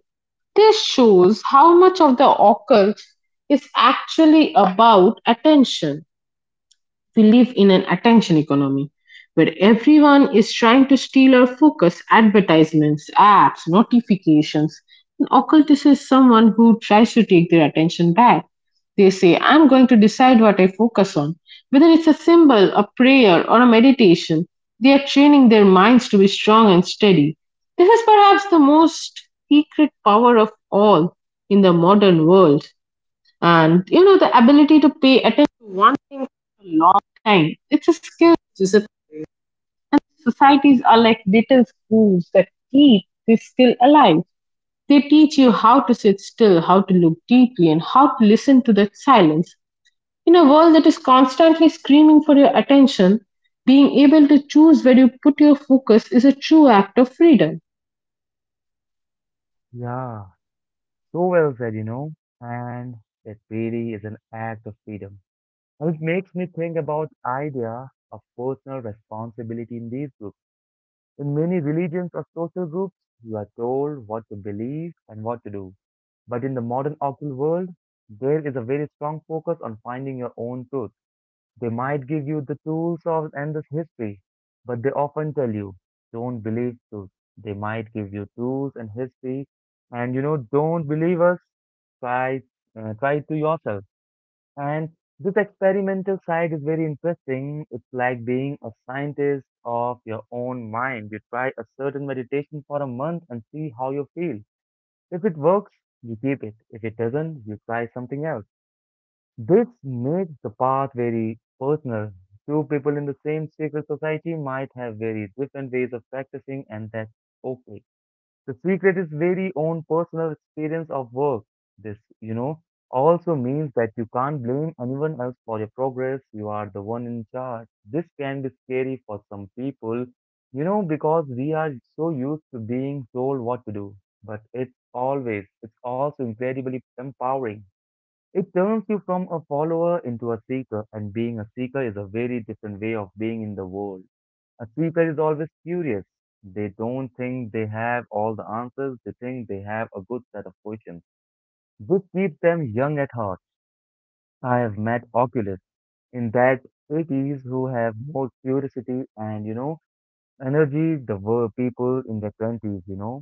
S2: This shows how much of the occult is actually about attention. We live in an attention economy where everyone is trying to steal our focus. Advertisements, apps, notifications. An occultist is someone who tries to take their attention back. They say, I'm going to decide what I focus on. Whether it's a symbol, a prayer, or a meditation, they are training their minds to be strong and steady. This is perhaps the most secret power of all in the modern world. And the ability to pay attention to one thing for a long time, it's a skill, Joseph. And societies are like little schools that keep this skill alive. They teach you how to sit still, how to look deeply, and how to listen to that silence. In a world that is constantly screaming for your attention, being able to choose where you put your focus is a true act of freedom.
S1: Yeah, so well said, you know, and that really is an act of freedom. Well, it makes me think about idea of personal responsibility in these groups. In many religions or social groups, you are told what to believe and what to do. But in the modern occult world, there is a very strong focus on finding your own truth. They might give you the tools of and the history, but they often tell you, don't believe truth. They might give you tools and history, and you know, don't believe us. Try, try it to yourself. And this experimental side is very interesting. It's like being a scientist of your own mind. You try a certain meditation for a month and see how you feel. If it works, you keep it. If it doesn't, you try something else. This makes the path very personal. Two people in the same secret society might have very different ways of practicing, and that's okay. The secret is very own personal experience of work. This, you know, also means that you can't blame anyone else for your progress. You are the one in charge. This can be scary for some people, you know, because we are so used to being told what to do. But it's also incredibly empowering. It turns you from a follower into a seeker, and being a seeker is a very different way of being in the world. A seeker is always curious. They don't think they have all the answers, they think they have a good set of questions, which keep them young at heart. I have met oculists in that 80s who have more curiosity and, you know, energy the were people in their 20s, you know.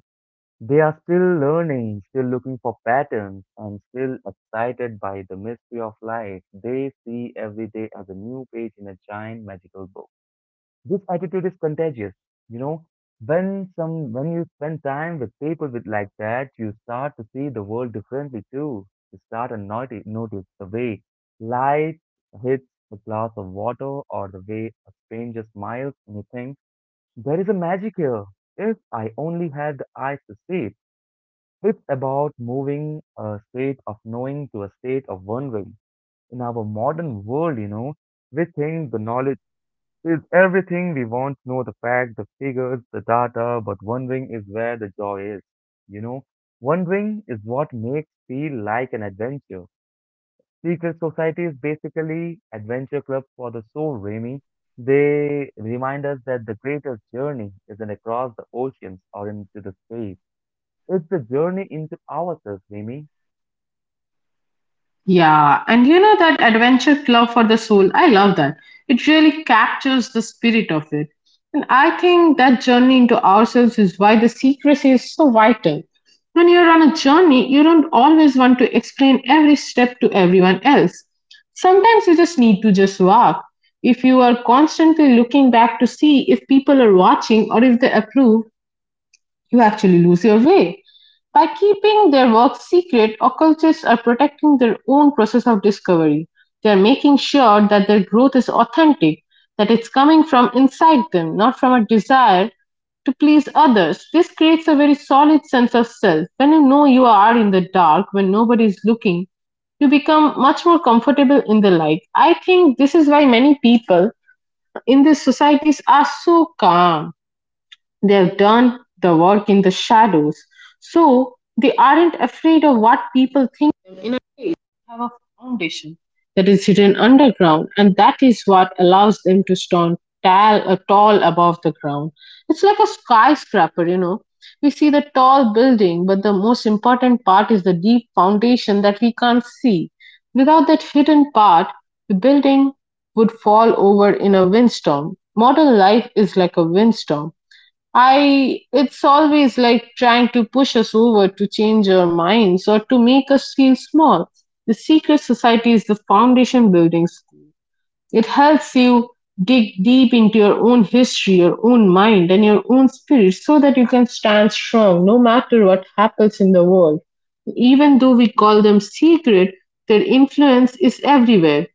S1: They are still learning, still looking for patterns, and still excited by the mystery of life. They see every day as a new page in a giant magical book. This attitude is contagious. You know, when you spend time with people with like that, you start to see the world differently too. You start to notice the way light hits a glass of water or the way a stranger smiles and you think, there is a magic here. If I only had the eyes to see it. It's about moving a state of knowing to a state of wondering. In our modern world, you know, we think the knowledge is everything we want to know the facts, the figures, the data, but wondering is where the joy is. You know, wondering is what makes feel like an adventure. Secret Society is basically adventure club for the soul, Remy. They remind us that the greatest journey isn't across the oceans or into the space. It's the journey into ourselves, Remy.
S2: Yeah, and you know that adventure club for the soul, I love that. It really captures the spirit of it. And I think that journey into ourselves is why the secrecy is so vital. When you're on a journey, you don't always want to explain every step to everyone else. Sometimes you just need to just walk. If you are constantly looking back to see if people are watching or if they approve, you actually lose your way. By keeping their work secret, occultists are protecting their own process of discovery. They're making sure that their growth is authentic, that it's coming from inside them, not from a desire to please others. This creates a very solid sense of self. When you know you are in the dark, when nobody is looking, you become much more comfortable in the light. I think this is why many people in these societies are so calm. They've done the work in the shadows, so they aren't afraid of what people think of them. In a way, they have a foundation that is hidden underground, and that is what allows them to stand tall above the ground. It's like a skyscraper, We see the tall building, but the most important part is the deep foundation that we can't see. Without that hidden part, the building would fall over in a windstorm. Modern life is like a windstorm. I It's always like trying to push us over to change our minds or to make us feel small. The secret society is the foundation building school. It helps you dig deep into your own history, your own mind, and your own spirit so that you can stand strong no matter what happens in the world. Even though we call them secret, their influence is everywhere.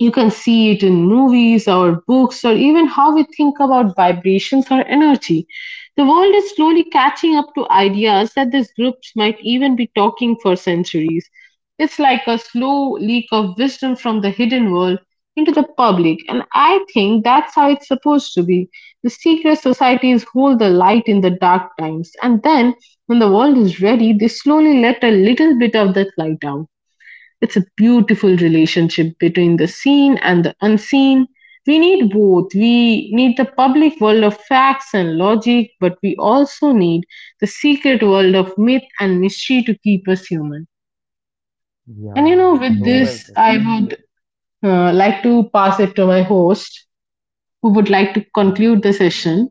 S2: You can see it in movies, or books, or even how we think about vibrations or energy. The world is slowly catching up to ideas that these groups might even be talking for centuries. It's like a slow leak of wisdom from the hidden world into the public, and I think that's how it's supposed to be. The secret societies hold the light in the dark times, and then when the world is ready, they slowly let a little bit of that light out. It's a beautiful relationship between the seen and the unseen. We need both. We need the public world of facts and logic, but we also need the secret world of myth and mystery to keep us human. And
S1: Yeah,
S2: with
S1: so well
S2: this,
S1: said.
S2: I would like to pass it to my host, who would like to
S1: Yeah.
S2: conclude the session.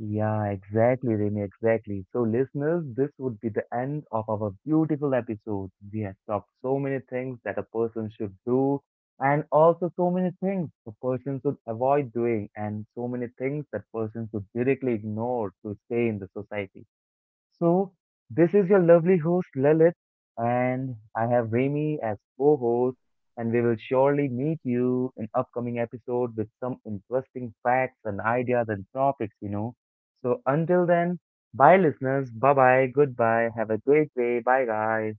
S1: Yeah, exactly, Remy, exactly. So, listeners, this would be the end of our beautiful episode. We have talked so many things that a person should do, and also so many things a person should avoid doing, and so many things that person should directly ignore to stay in the society. So, this is your lovely host Lilith, and I have Remy as co host, and we will surely meet you in upcoming episode with some interesting facts and ideas and topics, you know. So, until then, bye, listeners. Bye bye. Goodbye. Have a great day. Bye, guys.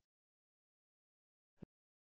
S2: Bye, guys.